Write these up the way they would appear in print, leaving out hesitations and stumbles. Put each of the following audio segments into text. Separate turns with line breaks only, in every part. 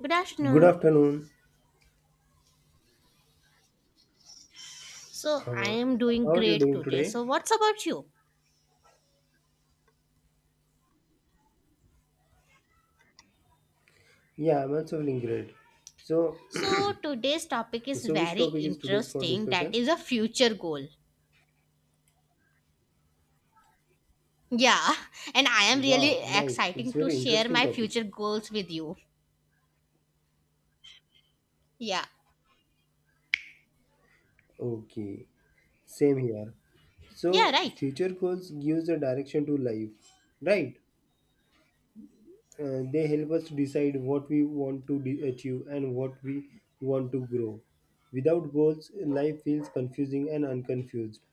Good
Good
afternoon.
afternoon.
So, I
Uh,
am
how
doing
are you
great
doing
today.
today?
So, what's about you?
Yeah, I'm also feeling great. So,
So, today's topic is
which
very
topic is today's for
interesting. That
discussion?
is a future goal. Yeah, and I am really
Wow, nice. It's
exciting to
very
share
interesting
my
topic.
future goals with you. Yeah.
Okay, same here. So,
Yeah, right.
future goals gives a direction to life, right? They help us to decide what we want to achieve and what we want to grow. Without goals, life feels confusing and unconfused.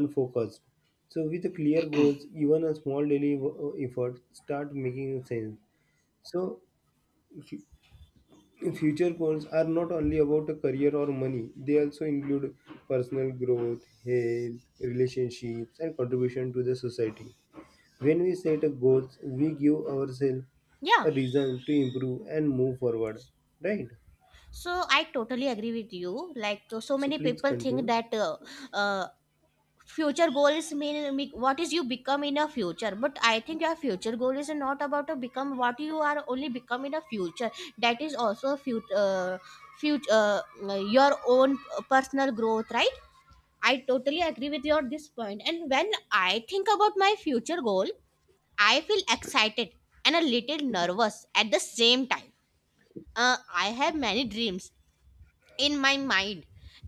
Unfocused. So, with the clear goals, even a small daily effort start making sense. So, future goals are not only about a career or money; they also include personal growth, health, relationships, and contribution to the society. When we set a goals, we give ourselves a
Yeah.
reason to improve and move forward. Right.
So, I totally agree with you. Like, so
So,
many
please
people think
continue.
that uh, future goal is mean what is you become in a future, but I think your future goal is not about to become what you are only become in a future. That is also future, your own personal growth, right? I totally agree with your this point. And when I think about my future goal, I feel excited and a little nervous at the same time. I have many dreams in my mind,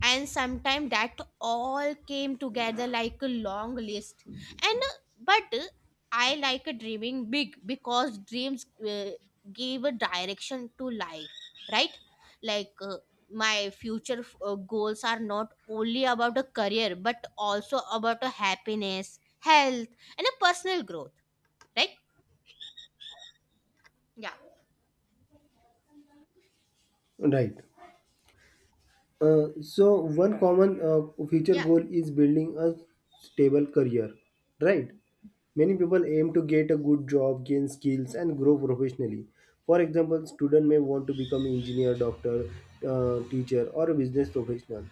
and sometime that all came together like a long list. And but I like a dreaming big, because dreams give a direction to life, right? Like, my future goals are not only about a career, but also about a happiness, health, and a personal growth, right? Yeah.
Right. So one common future
Yeah.
goal is building a stable career, right? Many people aim to get a good job, gain skills, and grow professionally. For example, student may want to become engineer, doctor, teacher, or a business professional.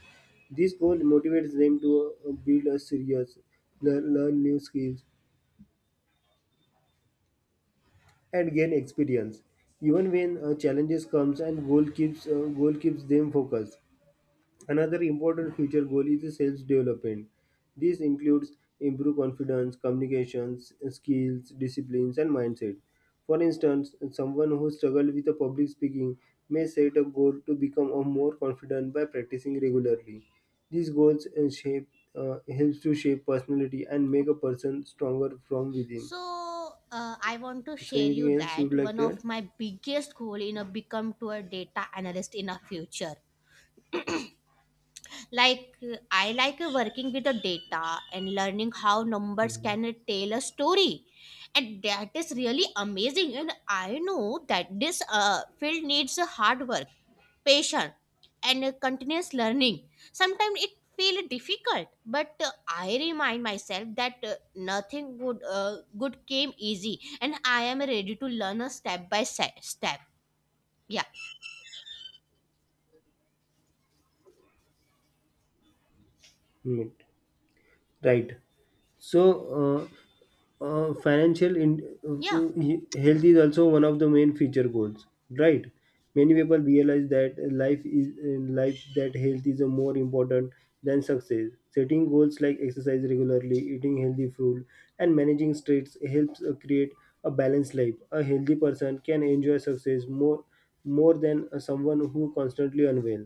This goal motivates them to build a serious, learn new skills, and gain experience. Even when challenges comes, and goal keeps them focused. Another important future goal is self-development. This includes improve confidence, communications, skills, disciplines, and mindset. For instance, someone who struggles with the public speaking may set a goal to become a more confident by practicing regularly. These goals shape helps to shape personality and make a person stronger from within.
So, I want to
So,
share you
anything else you would
that
like
one
to add?
of my biggest goal in a become to a data analyst in a future. Like, I like working with the data and learning how numbers can tell a story, and that is really amazing. And I know that this field needs hard work, patience, and a continuous learning. Sometimes it feels difficult, but I remind myself that nothing good came easy, and I am ready to learn a step by step. Yeah,
Hmm. Right. So. Uh, uh, financial in,
yeah,
Health is also one of the main future goals, right? Many people realize that life is life that health is a more important than success. Setting goals like exercise regularly, eating healthy food, and managing stress helps create a balanced life. A healthy person can enjoy success more than someone who constantly unwell.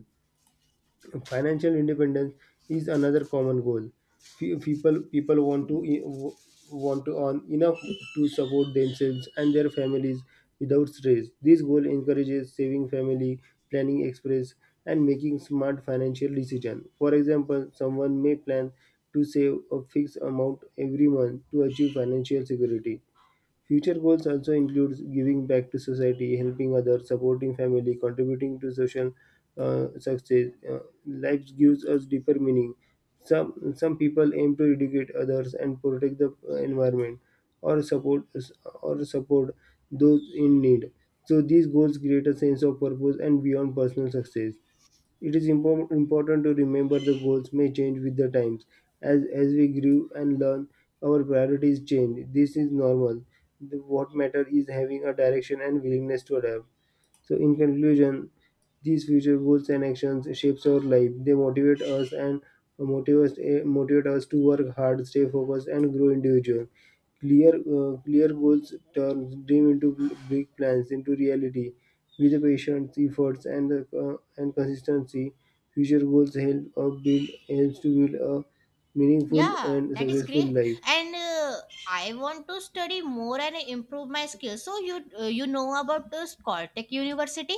Financial independence is another common goal. Few people want to want to earn enough to support themselves and their families without stress. This goal encourages saving, family planning, express, and making smart financial decisions. For example, someone may plan to save a fixed amount every month to achieve financial security. Future goals also include giving back to society, helping others, supporting family, contributing to social success. Life gives us deeper meaning. Some people aim to educate others and protect the environment, or support or support those in need. So these goals create a sense of purpose and beyond personal success. It is important to remember the goals may change with the times. As we grew and learn, our priorities change. This is normal. What matters is having a direction and willingness to adapt. So, in conclusion, these future goals and actions shapes our life. They motivate us and motivate us, eh, motivate us to work hard, stay focused, and grow individual. Clear goals turn big plans into reality. With the patience, efforts, and consistency, future goals help build helps to build a meaningful
yeah.
and
That is
successful
great.
life.
And. I want to study more and improve my skills. So, you you know about Caltech University?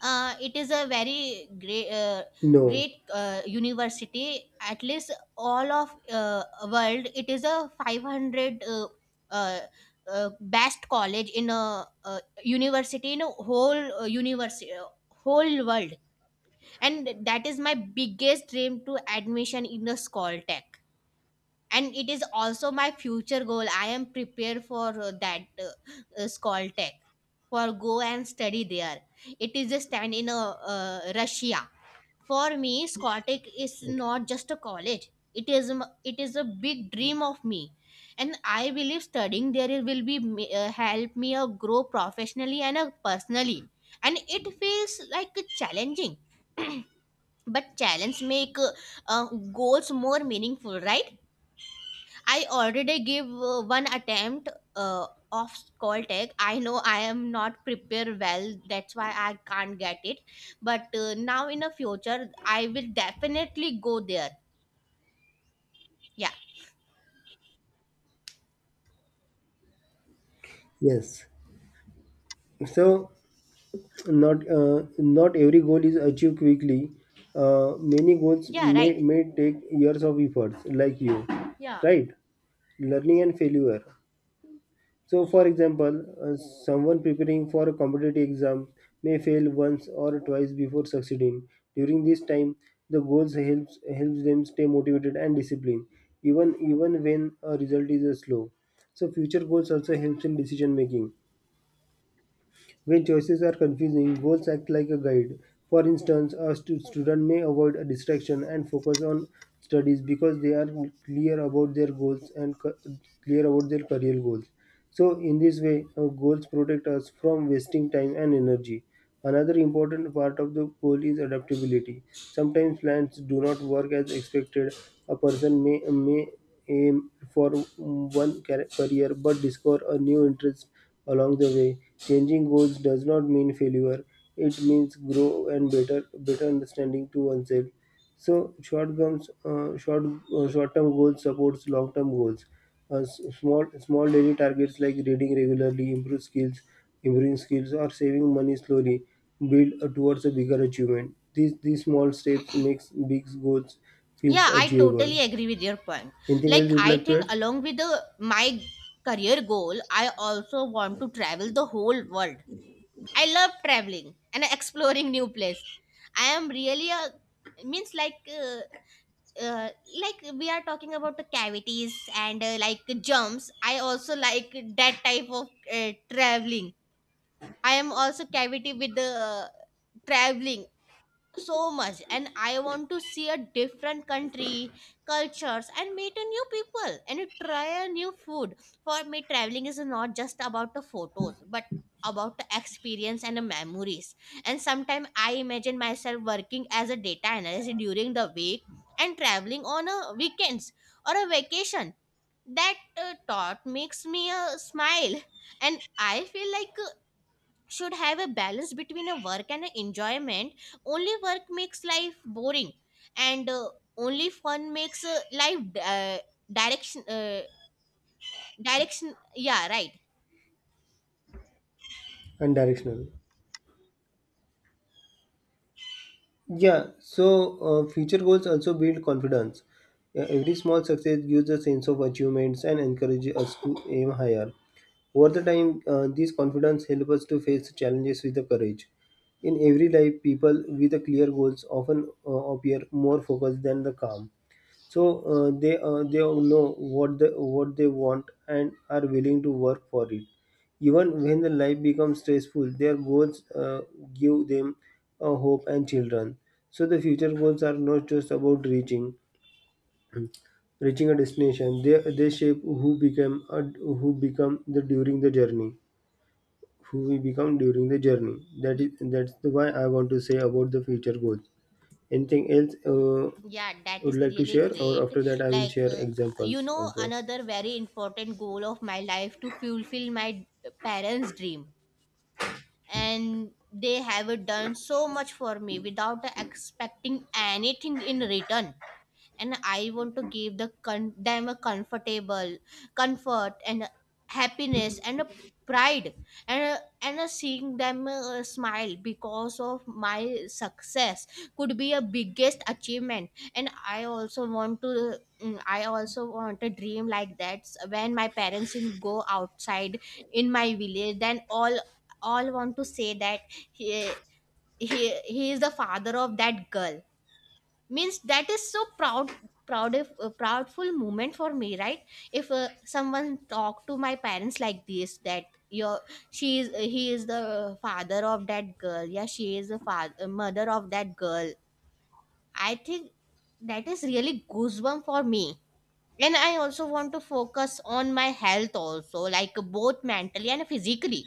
It is a very great uh,
No.
great uh, university at least all of world. It is a 500 uh, best college in a, university in a whole university, whole world, and that is my biggest dream to admission in the Skoltech. And it is also my future goal. I am prepared for that Skoltech, for go and study there. It is a stand in Russia. For me, Skoltech is
Okay.
not just a college. It is it is a big dream of me, and I believe studying there will be help me grow professionally and personally. And it feels like challenging, but challenge make uh, goals more meaningful, right? I already gave one attempt uh, of Caltech. I know I am not prepared well. That's why I can't get it. But now in the future, I will definitely go there. Yeah.
Yes. So, not every goal is achieved quickly. Many
Yeah. Right.
may take years of efforts, like you, right? Learning and failure. So, for example, someone preparing for a competitive exam may fail once or twice before succeeding. During this time, the goals helps them stay motivated and disciplined, even when a result is slow. So, future goals also helps in decision making. When choices are confusing, goals act like a guide. For instance, a student may avoid a distraction and focus on studies because they are clear about their goals and co- clear about their career goals. So, in this way, our goals protect us from wasting time and energy. Another important part of the goal is adaptability. Sometimes plans do not work as expected. A may aim for career but discover a new interest along the way. Changing goals does not mean failure. It means grow and better understanding to oneself. So short terms, short short-term goals supports long-term goals. Small daily targets like reading regularly, improving skills, or saving money slowly build towards a bigger achievement. These small steps makes big goals feels
Yeah. I
achievable.
totally agree with your point.
Anything else
Like,
you'd
I
like to
think
add?
along with the my career goal, I also want to travel the whole world. I love traveling and exploring new place. I am really a, means, like, like we are talking about the cavities and like jumps, I also like that type of traveling. I am also cavity with the traveling so much, and I want to see a different country, cultures, and meet a new people and try a new food. For me, traveling is not just about the photos, but about the experience and the memories. And sometimes I imagine myself working as a data analyst during the week and traveling on a weekends or a vacation. That thought makes me a smile, and I feel like should have a balance between a work and a enjoyment. Only work makes life boring, and only fun makes life uh, direction uh, direction, yeah, right.
And directional. Yeah, so future goals also build confidence. Yeah, every small success gives a sense of achievements and encourages us to aim higher. Over the time, this confidence helps us to face challenges with the courage. In every life, people with the clear goals often appear more focused than the calm. So, they all know what they want and are willing to work for it. Even when the life becomes stressful, their goals give them a hope and children. So the future goals are not just about reaching a destination. They shape who become a, who become the during the journey Who we become during the journey,
Y-
that's the why I want to say about the future goals. Anything else
yeah, that is
would like to
really
share, or
great.
after that I will
Like,
share
you
examples
know,
also?
another very important goal of my life to fulfill my parents dream. And they have done so much for me without expecting anything in return, and I want to give them a comfortable, comfort and happiness and a pride. and and a seeing them smile because of my success could be a biggest achievement. And I also want to I also want a dream like that when my parents in go outside in my village, then all want to say that he, he is the father of that girl, means that is so proud, proud of a proudful moment for me, right? If someone talk to my parents like this, that your, she is, he is the father of that girl, yeah, she is the father, mother of that girl, I think that is really goosebump for me. And I also want to focus on my health also, like both mentally and physically.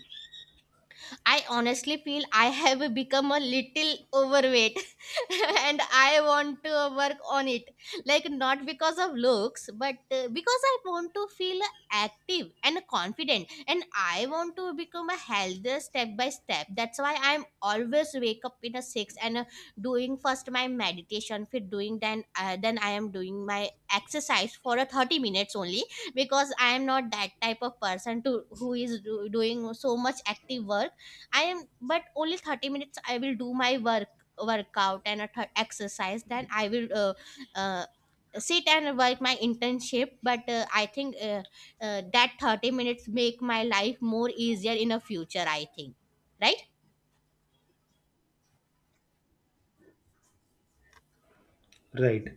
I honestly feel I have become a little overweight and I want to work on it. Like, not because of looks, but because I want to feel active and confident, and I want to become a healthier step by step. That's why I'm always wake up in a six and doing first my meditation, then I am doing my exercise for a 30 minutes only, because I am not that type of person to who is doing so much active work I am, but only 30 minutes I will do my workout and a exercise. Then I will uh, sit and work my internship. But I think that 30 minutes make my life more easier in the future, I think, right?
Right.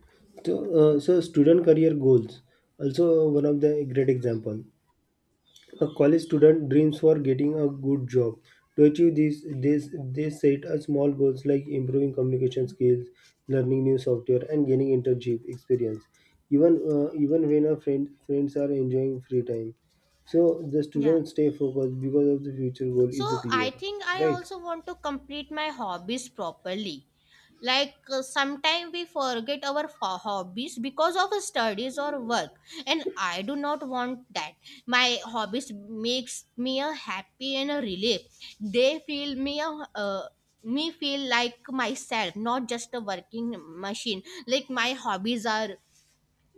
So, student career goals also one of the great example. A college student dreams for getting a good job. To achieve this, they set a small goals like improving communication skills, learning new software, and gaining internship experience. Even when our friends are enjoying free time, so the
Yeah.
students stay focused because of the future goal
So,
is
I
clear.
think I
Right.
also want to complete my hobbies properly. Like, sometimes we forget our hobbies because of studies or work, and I do not want that. My hobbies makes me a happy and a relief. They feel me a, uh, me feel like myself, not just a working machine. Like, my hobbies are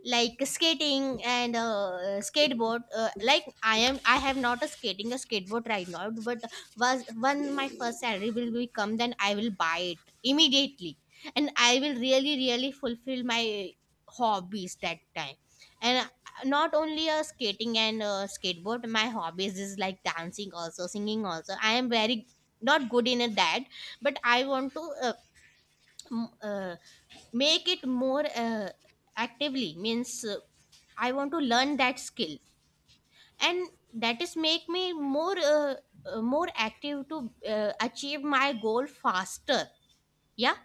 like skating and skateboard. Like, I am, I have not a skating, a skateboard right now, but was when my first salary will be come, then I will buy it immediately, and I will really really fulfill my hobbies that time. And not only skating and skateboard, my hobbies is like dancing also, singing also. I am very not good in that, but I want to m- uh, make it more actively, means, I want to learn that skill, and that is make me more more active to achieve my goal faster. Yeah.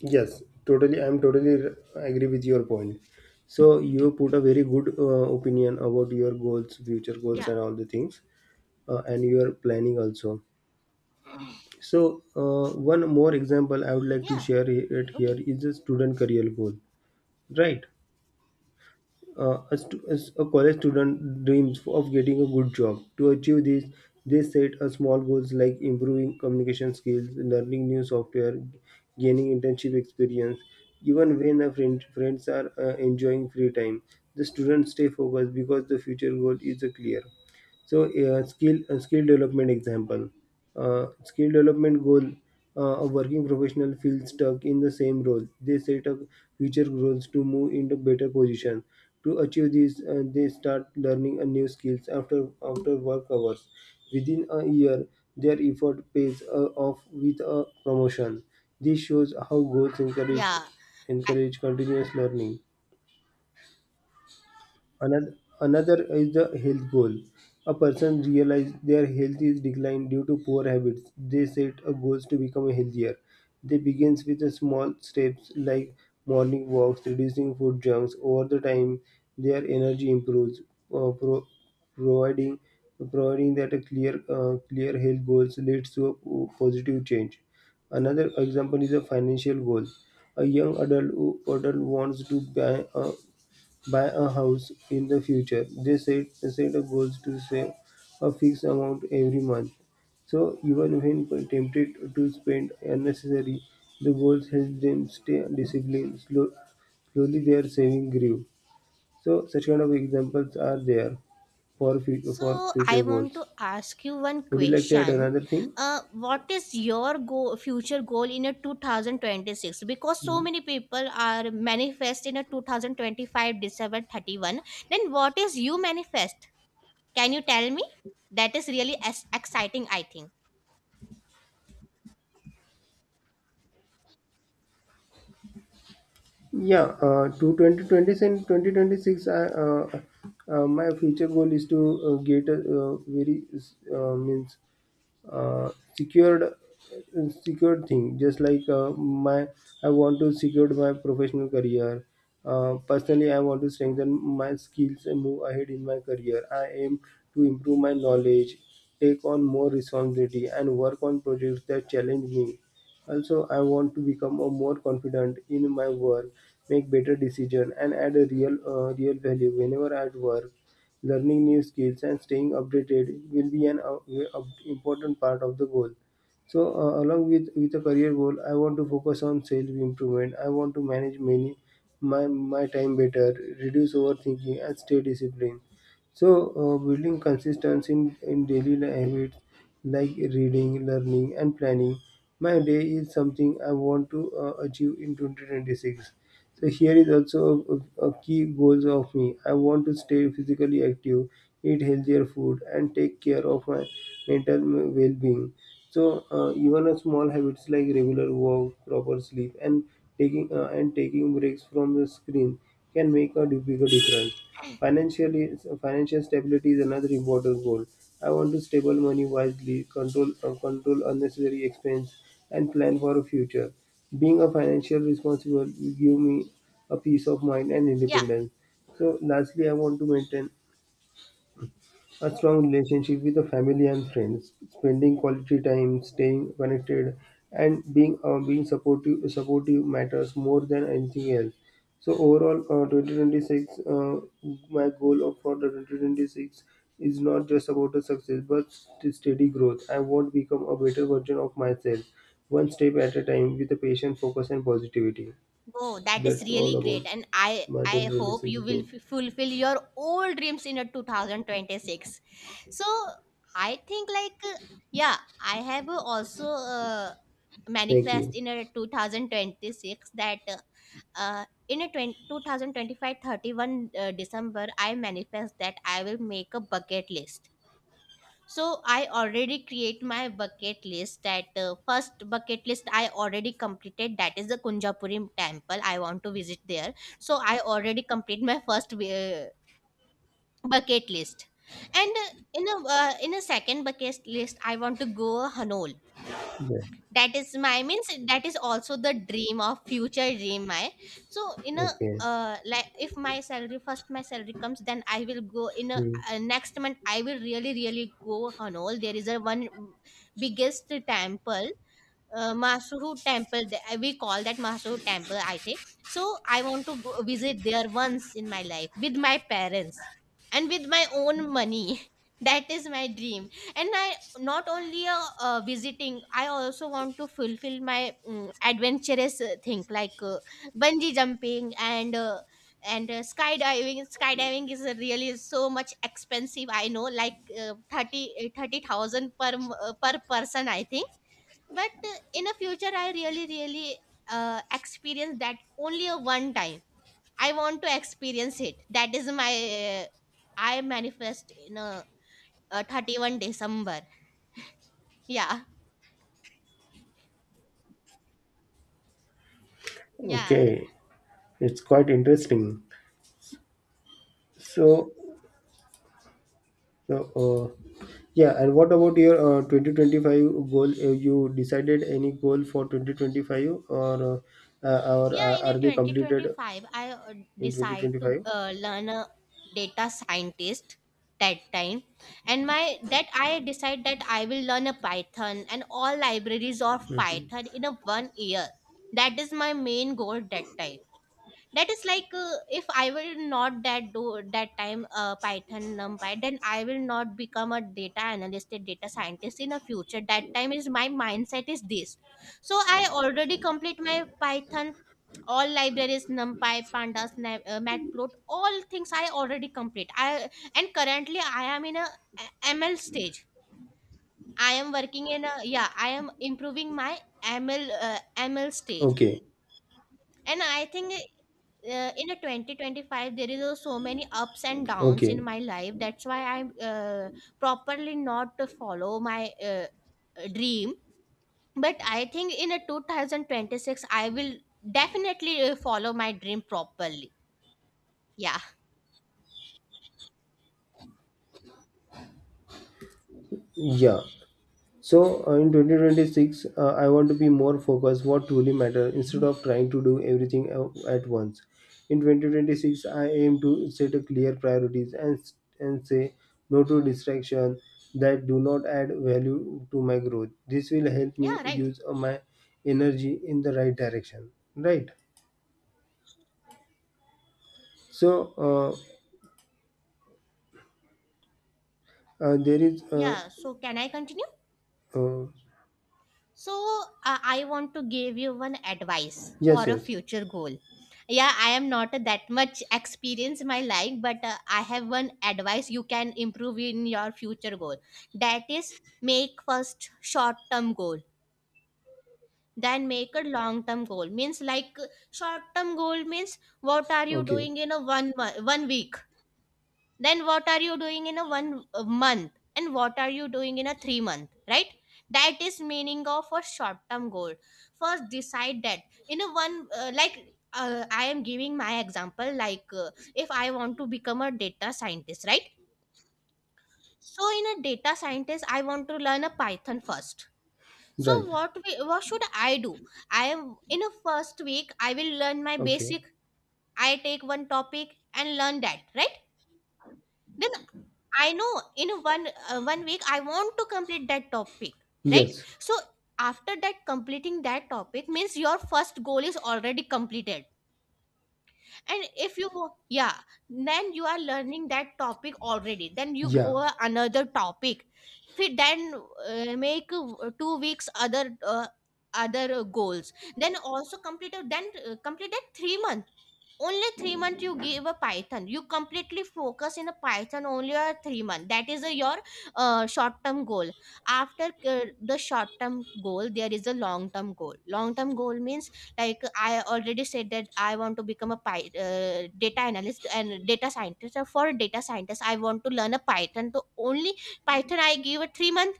Yes, totally. I'm agree with your point. So you put a very good opinion about your goals, future goals,
Yeah.
and all the things, and your planning also. So one more example I would like to
Yeah.
share it here
Okay.
is a student career goal, right? As a college student dreams of getting a good job. To achieve this, they set a small goals like improving communication skills, learning new software, gaining internship experience. Even when a friends are enjoying free time, the students stay focused because the future goal is clear. So skill development example, skill development goal. A working professional feels stuck in the same role. They set up future goals to move into better position. To achieve this, they start learning a new skills after after work hours. Within a year, their effort pays off with a promotion. This shows how goals
Yeah.
encourage continuous learning. Another is the health goal. A person realizes their health is declined due to poor habits. They set a goals to become healthier. They begins with the small steps like morning walks, reducing food junks. Over the time, their energy improves, uh, pro- providing providing that a clear health goals leads to a positive change. Another example is a financial goal. A young adult who adult wants to buy a house in the future. Set a goals to save a fixed amount every month. So even when tempted to spend unnecessary, the goals help them stay disciplined. Slowly their saving grew. So such kind of examples are there for for
So, I
future
want
goals.
to ask you one
Would you like to add
question.
another thing?
What is your go future goal in a 2026? Because so
Hmm.
many people are manifest in a 2025, December 31. Then what is you manifest? Can you tell me? That is really as exciting, I think.
Yeah, to 2020 and 2026, my future goal is to get a very means uh, secured secured thing just like my I want to secure my professional career. Personally, I want to strengthen my skills and move ahead in my career. I aim to improve my knowledge, take on more responsibility, and work on projects that challenge me. Also, I want to become a more confident in my work, make better decisions, and add a real value whenever I work. Learning new skills and staying updated will be an important part of the goal. So, along with a career goal, I want to focus on self improvement. I want to manage many my my time better, reduce overthinking, and stay disciplined. So, building consistency in daily habits like reading, learning, and planning. My day is something I want to achieve in 2026. So, here is also a key goals of me. I want to stay physically active, eat healthier food, and take care of my mental well being. So, even a small habits like regular walk, proper sleep, and taking breaks from the screen can make a bigger difference. Financially, Financial stability is another important goal. I want to stable money wisely, control unnecessary expense, and plan for a future. Being a financial responsible will give me a peace of mind and
Yeah.
independence. So, lastly, I want to maintain a strong relationship with the family and friends, spending quality time, staying connected, and being supportive matters more than anything else. So overall, 2026, my goal of for the 2026 is not just about the success, but steady growth. I want to become a better version of myself, one step at a time, with a patient focus and positivity.
Oh, that is
That's all
really great,
about
and
my
I hope
2026
you will
goal.
fulfill your old dreams in a 2026. So, I think like, yeah, I have also
Thank
manifest
you.
in a 2026 that in a 20, 2025 December, I manifest that I will make a bucket list. So, I already create my bucket list. That first bucket list I already completed. That is the Kunjapuri temple. I want to visit there. So, I already complete my first bucket list, and in a second bucket list, I want to go Hanol.
Yeah.
That is my, means, that is also the dream of future dream my, so in a
Okay.
like if my salary, first my salary comes, then I will go in a
Hmm.
next month. I will really really go Hanol. There is a one biggest temple, Masuhu temple, we call that Masuhu temple, I think. So, I want to go visit there once in my life with my parents and with my own money. That is my dream. And I not only visiting, I also want to fulfill my adventurous thing, like bungee jumping and skydiving. Skydiving is really so much expensive. I know, like uh, 30 uh, 30,000 per per person, I think. But in the future, I really really experience that only a one time. I want to experience it. That is my I manifest in 31 december. yeah yeah
Okay. It's quite interesting. So, so, uh, yeah. And what about your 2025 goal? You decided any goal for 2025, or uh, uh, or
yeah
uh,
In a
are they completed
2025, I
in
decide to
2025?
learn a data scientist that time. And my that I decide that I will learn a python and all libraries of
Mhm.
python in a 1 year. That is my main goal that time. That is like if I will not that do that time python, numpy, then I will not become a data scientist in the future. That time is my mindset is this. So I already complete my python, all libraries numpy, pandas, matplot, all things I already complete. I and currently I am in a ml stage. I am working in a, yeah, I am improving my ml uh, ml stage.
Okay.
And I think in a 2025, there is so many ups and downs
Okay.
in my life. That's why I'm properly not to follow my dream. But I think in a 2026, I will definitely follow my dream properly. Yeah.
Yeah. So in 2026, I want to be more focused what truly matters instead of trying to do everything at once. In 2026, I aim to set a clear priorities and and say no to distractions that do not add value to my growth. This will help me
Yeah, right.
use my energy in the right direction. Right. So uh, there is
Yeah, so can I continue?
uh,
So I want to give you one advice for
yes,
a
yes.
future goal. Yeah, I am not that much experience in my life, but I have one advice you can improve in your future goal. That is, make first short term goal, then make a long term goal. Means like short term goal means, what are you
Okay.
doing in a 1 month, 1 week? Then what are you doing in a one month and what are you doing in a 3 month, right? That is meaning of a short term goal. First decide that in a one like I am giving my example, like if I want to become a data scientist, right? So in a data scientist, I want to learn a python first. So
Right.
what should I do? I am in a first week, I will learn my
Okay.
basic. I take one topic and learn that, right? Then I know in 1 week I want to complete that topic, right?
Yes.
So after that completing that topic means your first goal is already completed. And if you go, yeah, then you are learning that topic already, then you go
Yeah.
another topic. Then make 2 weeks other goals, then also then complete that 3 month. Only 3 month you give a python, you completely focus in a python only a 3 month. That is a, your short term goal. After the short term goal, there is a long term goal. Long term goal means like I already said that I want to become a data analyst and data scientist. So for data scientist, I want to learn a python, so only python I give a 3 month.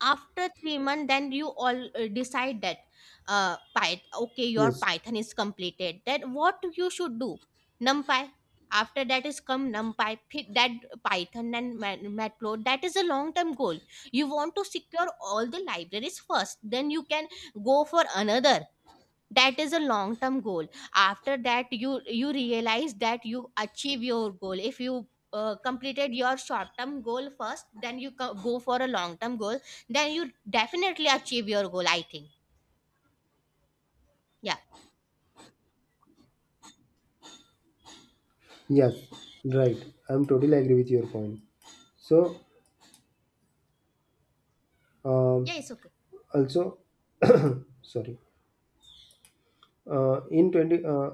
After 3 month, then you all decide that python, okay, your
Yes.
python is completed, then what you should do? Numpy. After that is come numpy, Py- that python and matplot. That is a long term goal. You want to secure all the libraries first, then you can go for another. That is a long term goal. After that you realize that you achieve your goal. If you completed your short term goal first, then you go for a long term goal, then you definitely achieve your goal, I think. Yeah.
Yes, right. I'm totally agree with your point. So, um,
Yeah, it's okay.
also, sorry, uh, in 20, uh,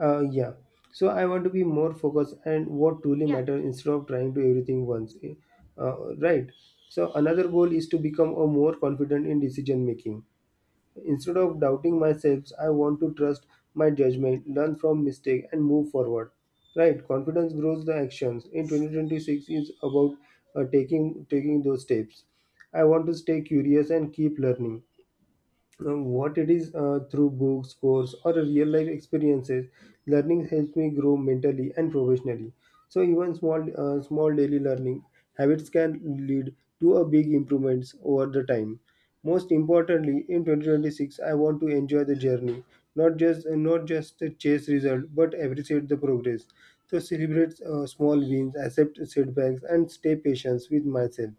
yeah. So I want to be more focused and what truly
Yeah.
matter instead of trying to everything once. Eh, uh, right. So another goal is to become a more confident in decision making. Instead of doubting myself, I want to trust my judgment, learn from mistake, and move forward. Right? Confidence grows the actions. In 2026 is about taking those steps. I want to stay curious and keep learning what it is through books, course, or real life experiences. Learning helps me grow mentally and professionally. So even small daily learning habits can lead to a big improvements over the time. Most importantly, in 2026, I want to enjoy the journey, not just the chase result, but appreciate the progress. So celebrate small wins, accept setbacks, and stay patient with myself.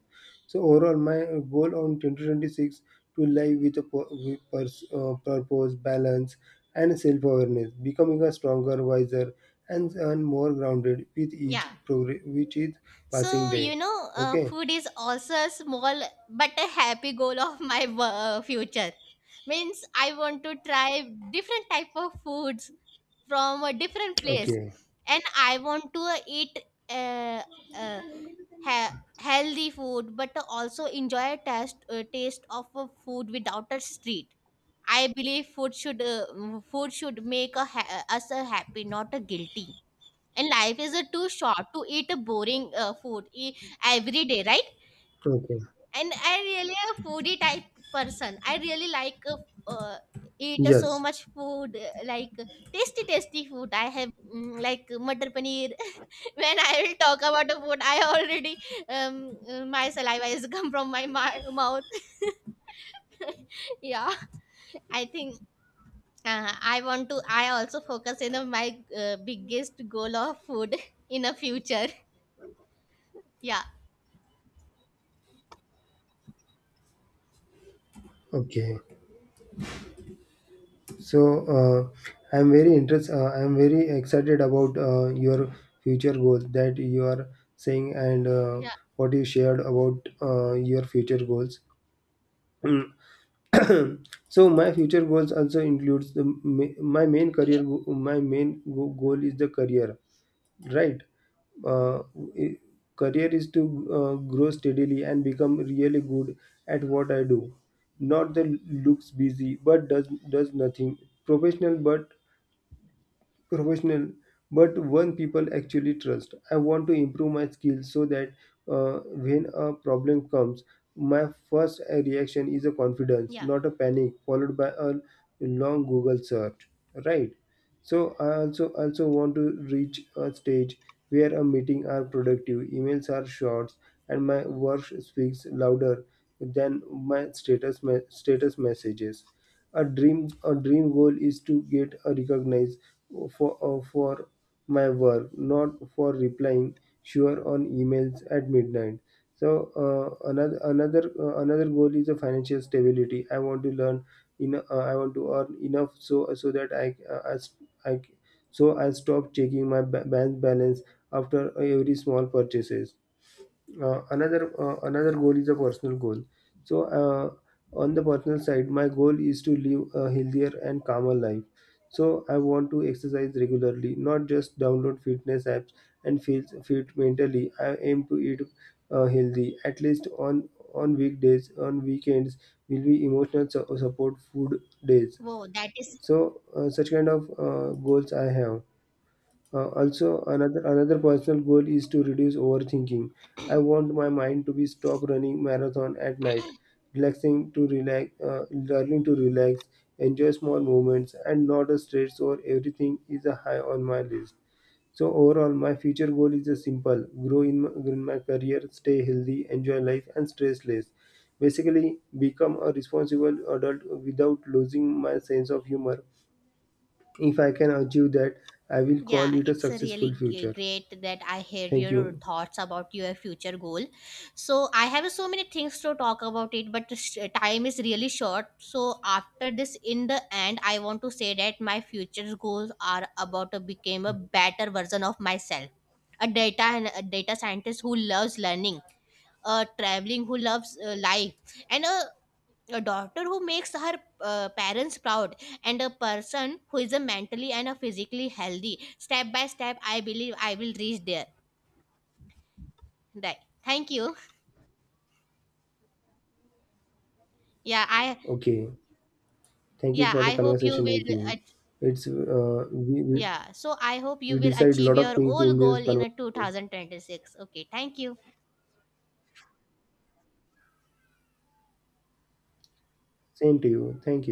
So overall, my goal on 2026 to live with a purpose, balance, and self-awareness, becoming a stronger, wiser, and more grounded with
Yeah,
each progress, with each passing
so
day.
you know
Okay,
food is also a small but a happy goal of my future. Means I want to try different type of foods from a different place.
okay,
And I want to eat uh, uh, healthy food but also enjoy a taste of a food without a street. I believe food food should make us a happy, not a guilty. And life is too short to eat a boring food every day, right?
okay.
And I really a foodie type person. I really like uh, eat so
Yes.
much food, like tasty, tasty food. I have like matar paneer. When I will talk about the food, I already my saliva is come from my mouth. Yeah, I think I want to. I also focus in on my biggest goal of food in a future. Yeah.
Okay. So I'm very interest. I'm very excited about your future goals that you are saying and
Yeah,
what you shared about your future goals. Hmm. So my future goals also includes the ma- my main
okay,
career go- my main goal is the career. Right. uh, i- Career is to grow steadily and become really good at what I do, not the looks busy but does nothing professional, professional but one people actually trust. I want to improve my skills so that uh, when a problem comes, my first reaction is a confidence,
yeah.
not a panic followed by a long Google search. Right? So I also want to reach a stage where a meeting are productive, emails are short, and my work speaks louder than my status messages. A dream goal is to get recognized for my work, not for replying sure on emails at midnight. So another goal is a financial stability. I want to learn in I want to earn enough so that I, s- I c- so I stop checking my bank balance after every small purchases. Another goal is a personal goal. So on the personal side, my goal is to live a healthier and calmer life. So I want to exercise regularly, not just download fitness apps and feel fit. Mentally, I aim to eat healthy at least on weekdays. On weekends will be emotional support food days.
Whoa, that is.
So such kind of goals I have. Also, another Another personal goal is to reduce overthinking. I want my mind to be stop running marathon at night, learning to relax, enjoy small moments, and not a stress or everything is a high on my list. So overall, my future goal is a simple: grow in my career, stay healthy, enjoy life, and stress less. Basically, become a responsible adult without losing my sense of humor. If I can achieve that, I will call
Yeah,
it a
it's a
successful
really
future.
great that I hear
Thank
your
you.
thoughts about your future goal. So I have so many things to talk about it, but the time is really short. So after this, in the end, I want to say that my future goals are about to become a better version of myself, a data scientist who loves learning, a traveling who loves life, and a daughter who makes her parents proud, and a person who is a mentally and a physically healthy. Step by step, I believe I will reach there, right? Thank you. yeah i
Okay. Thank you
yeah,
for the
I hope you
conversation with
will
me. It's we
yeah, so I hope you will
decide a
achieve
lot of
your
things
whole
in
goal
this
in a
conversation.
2026. Okay, thank you.
Same to you. Thank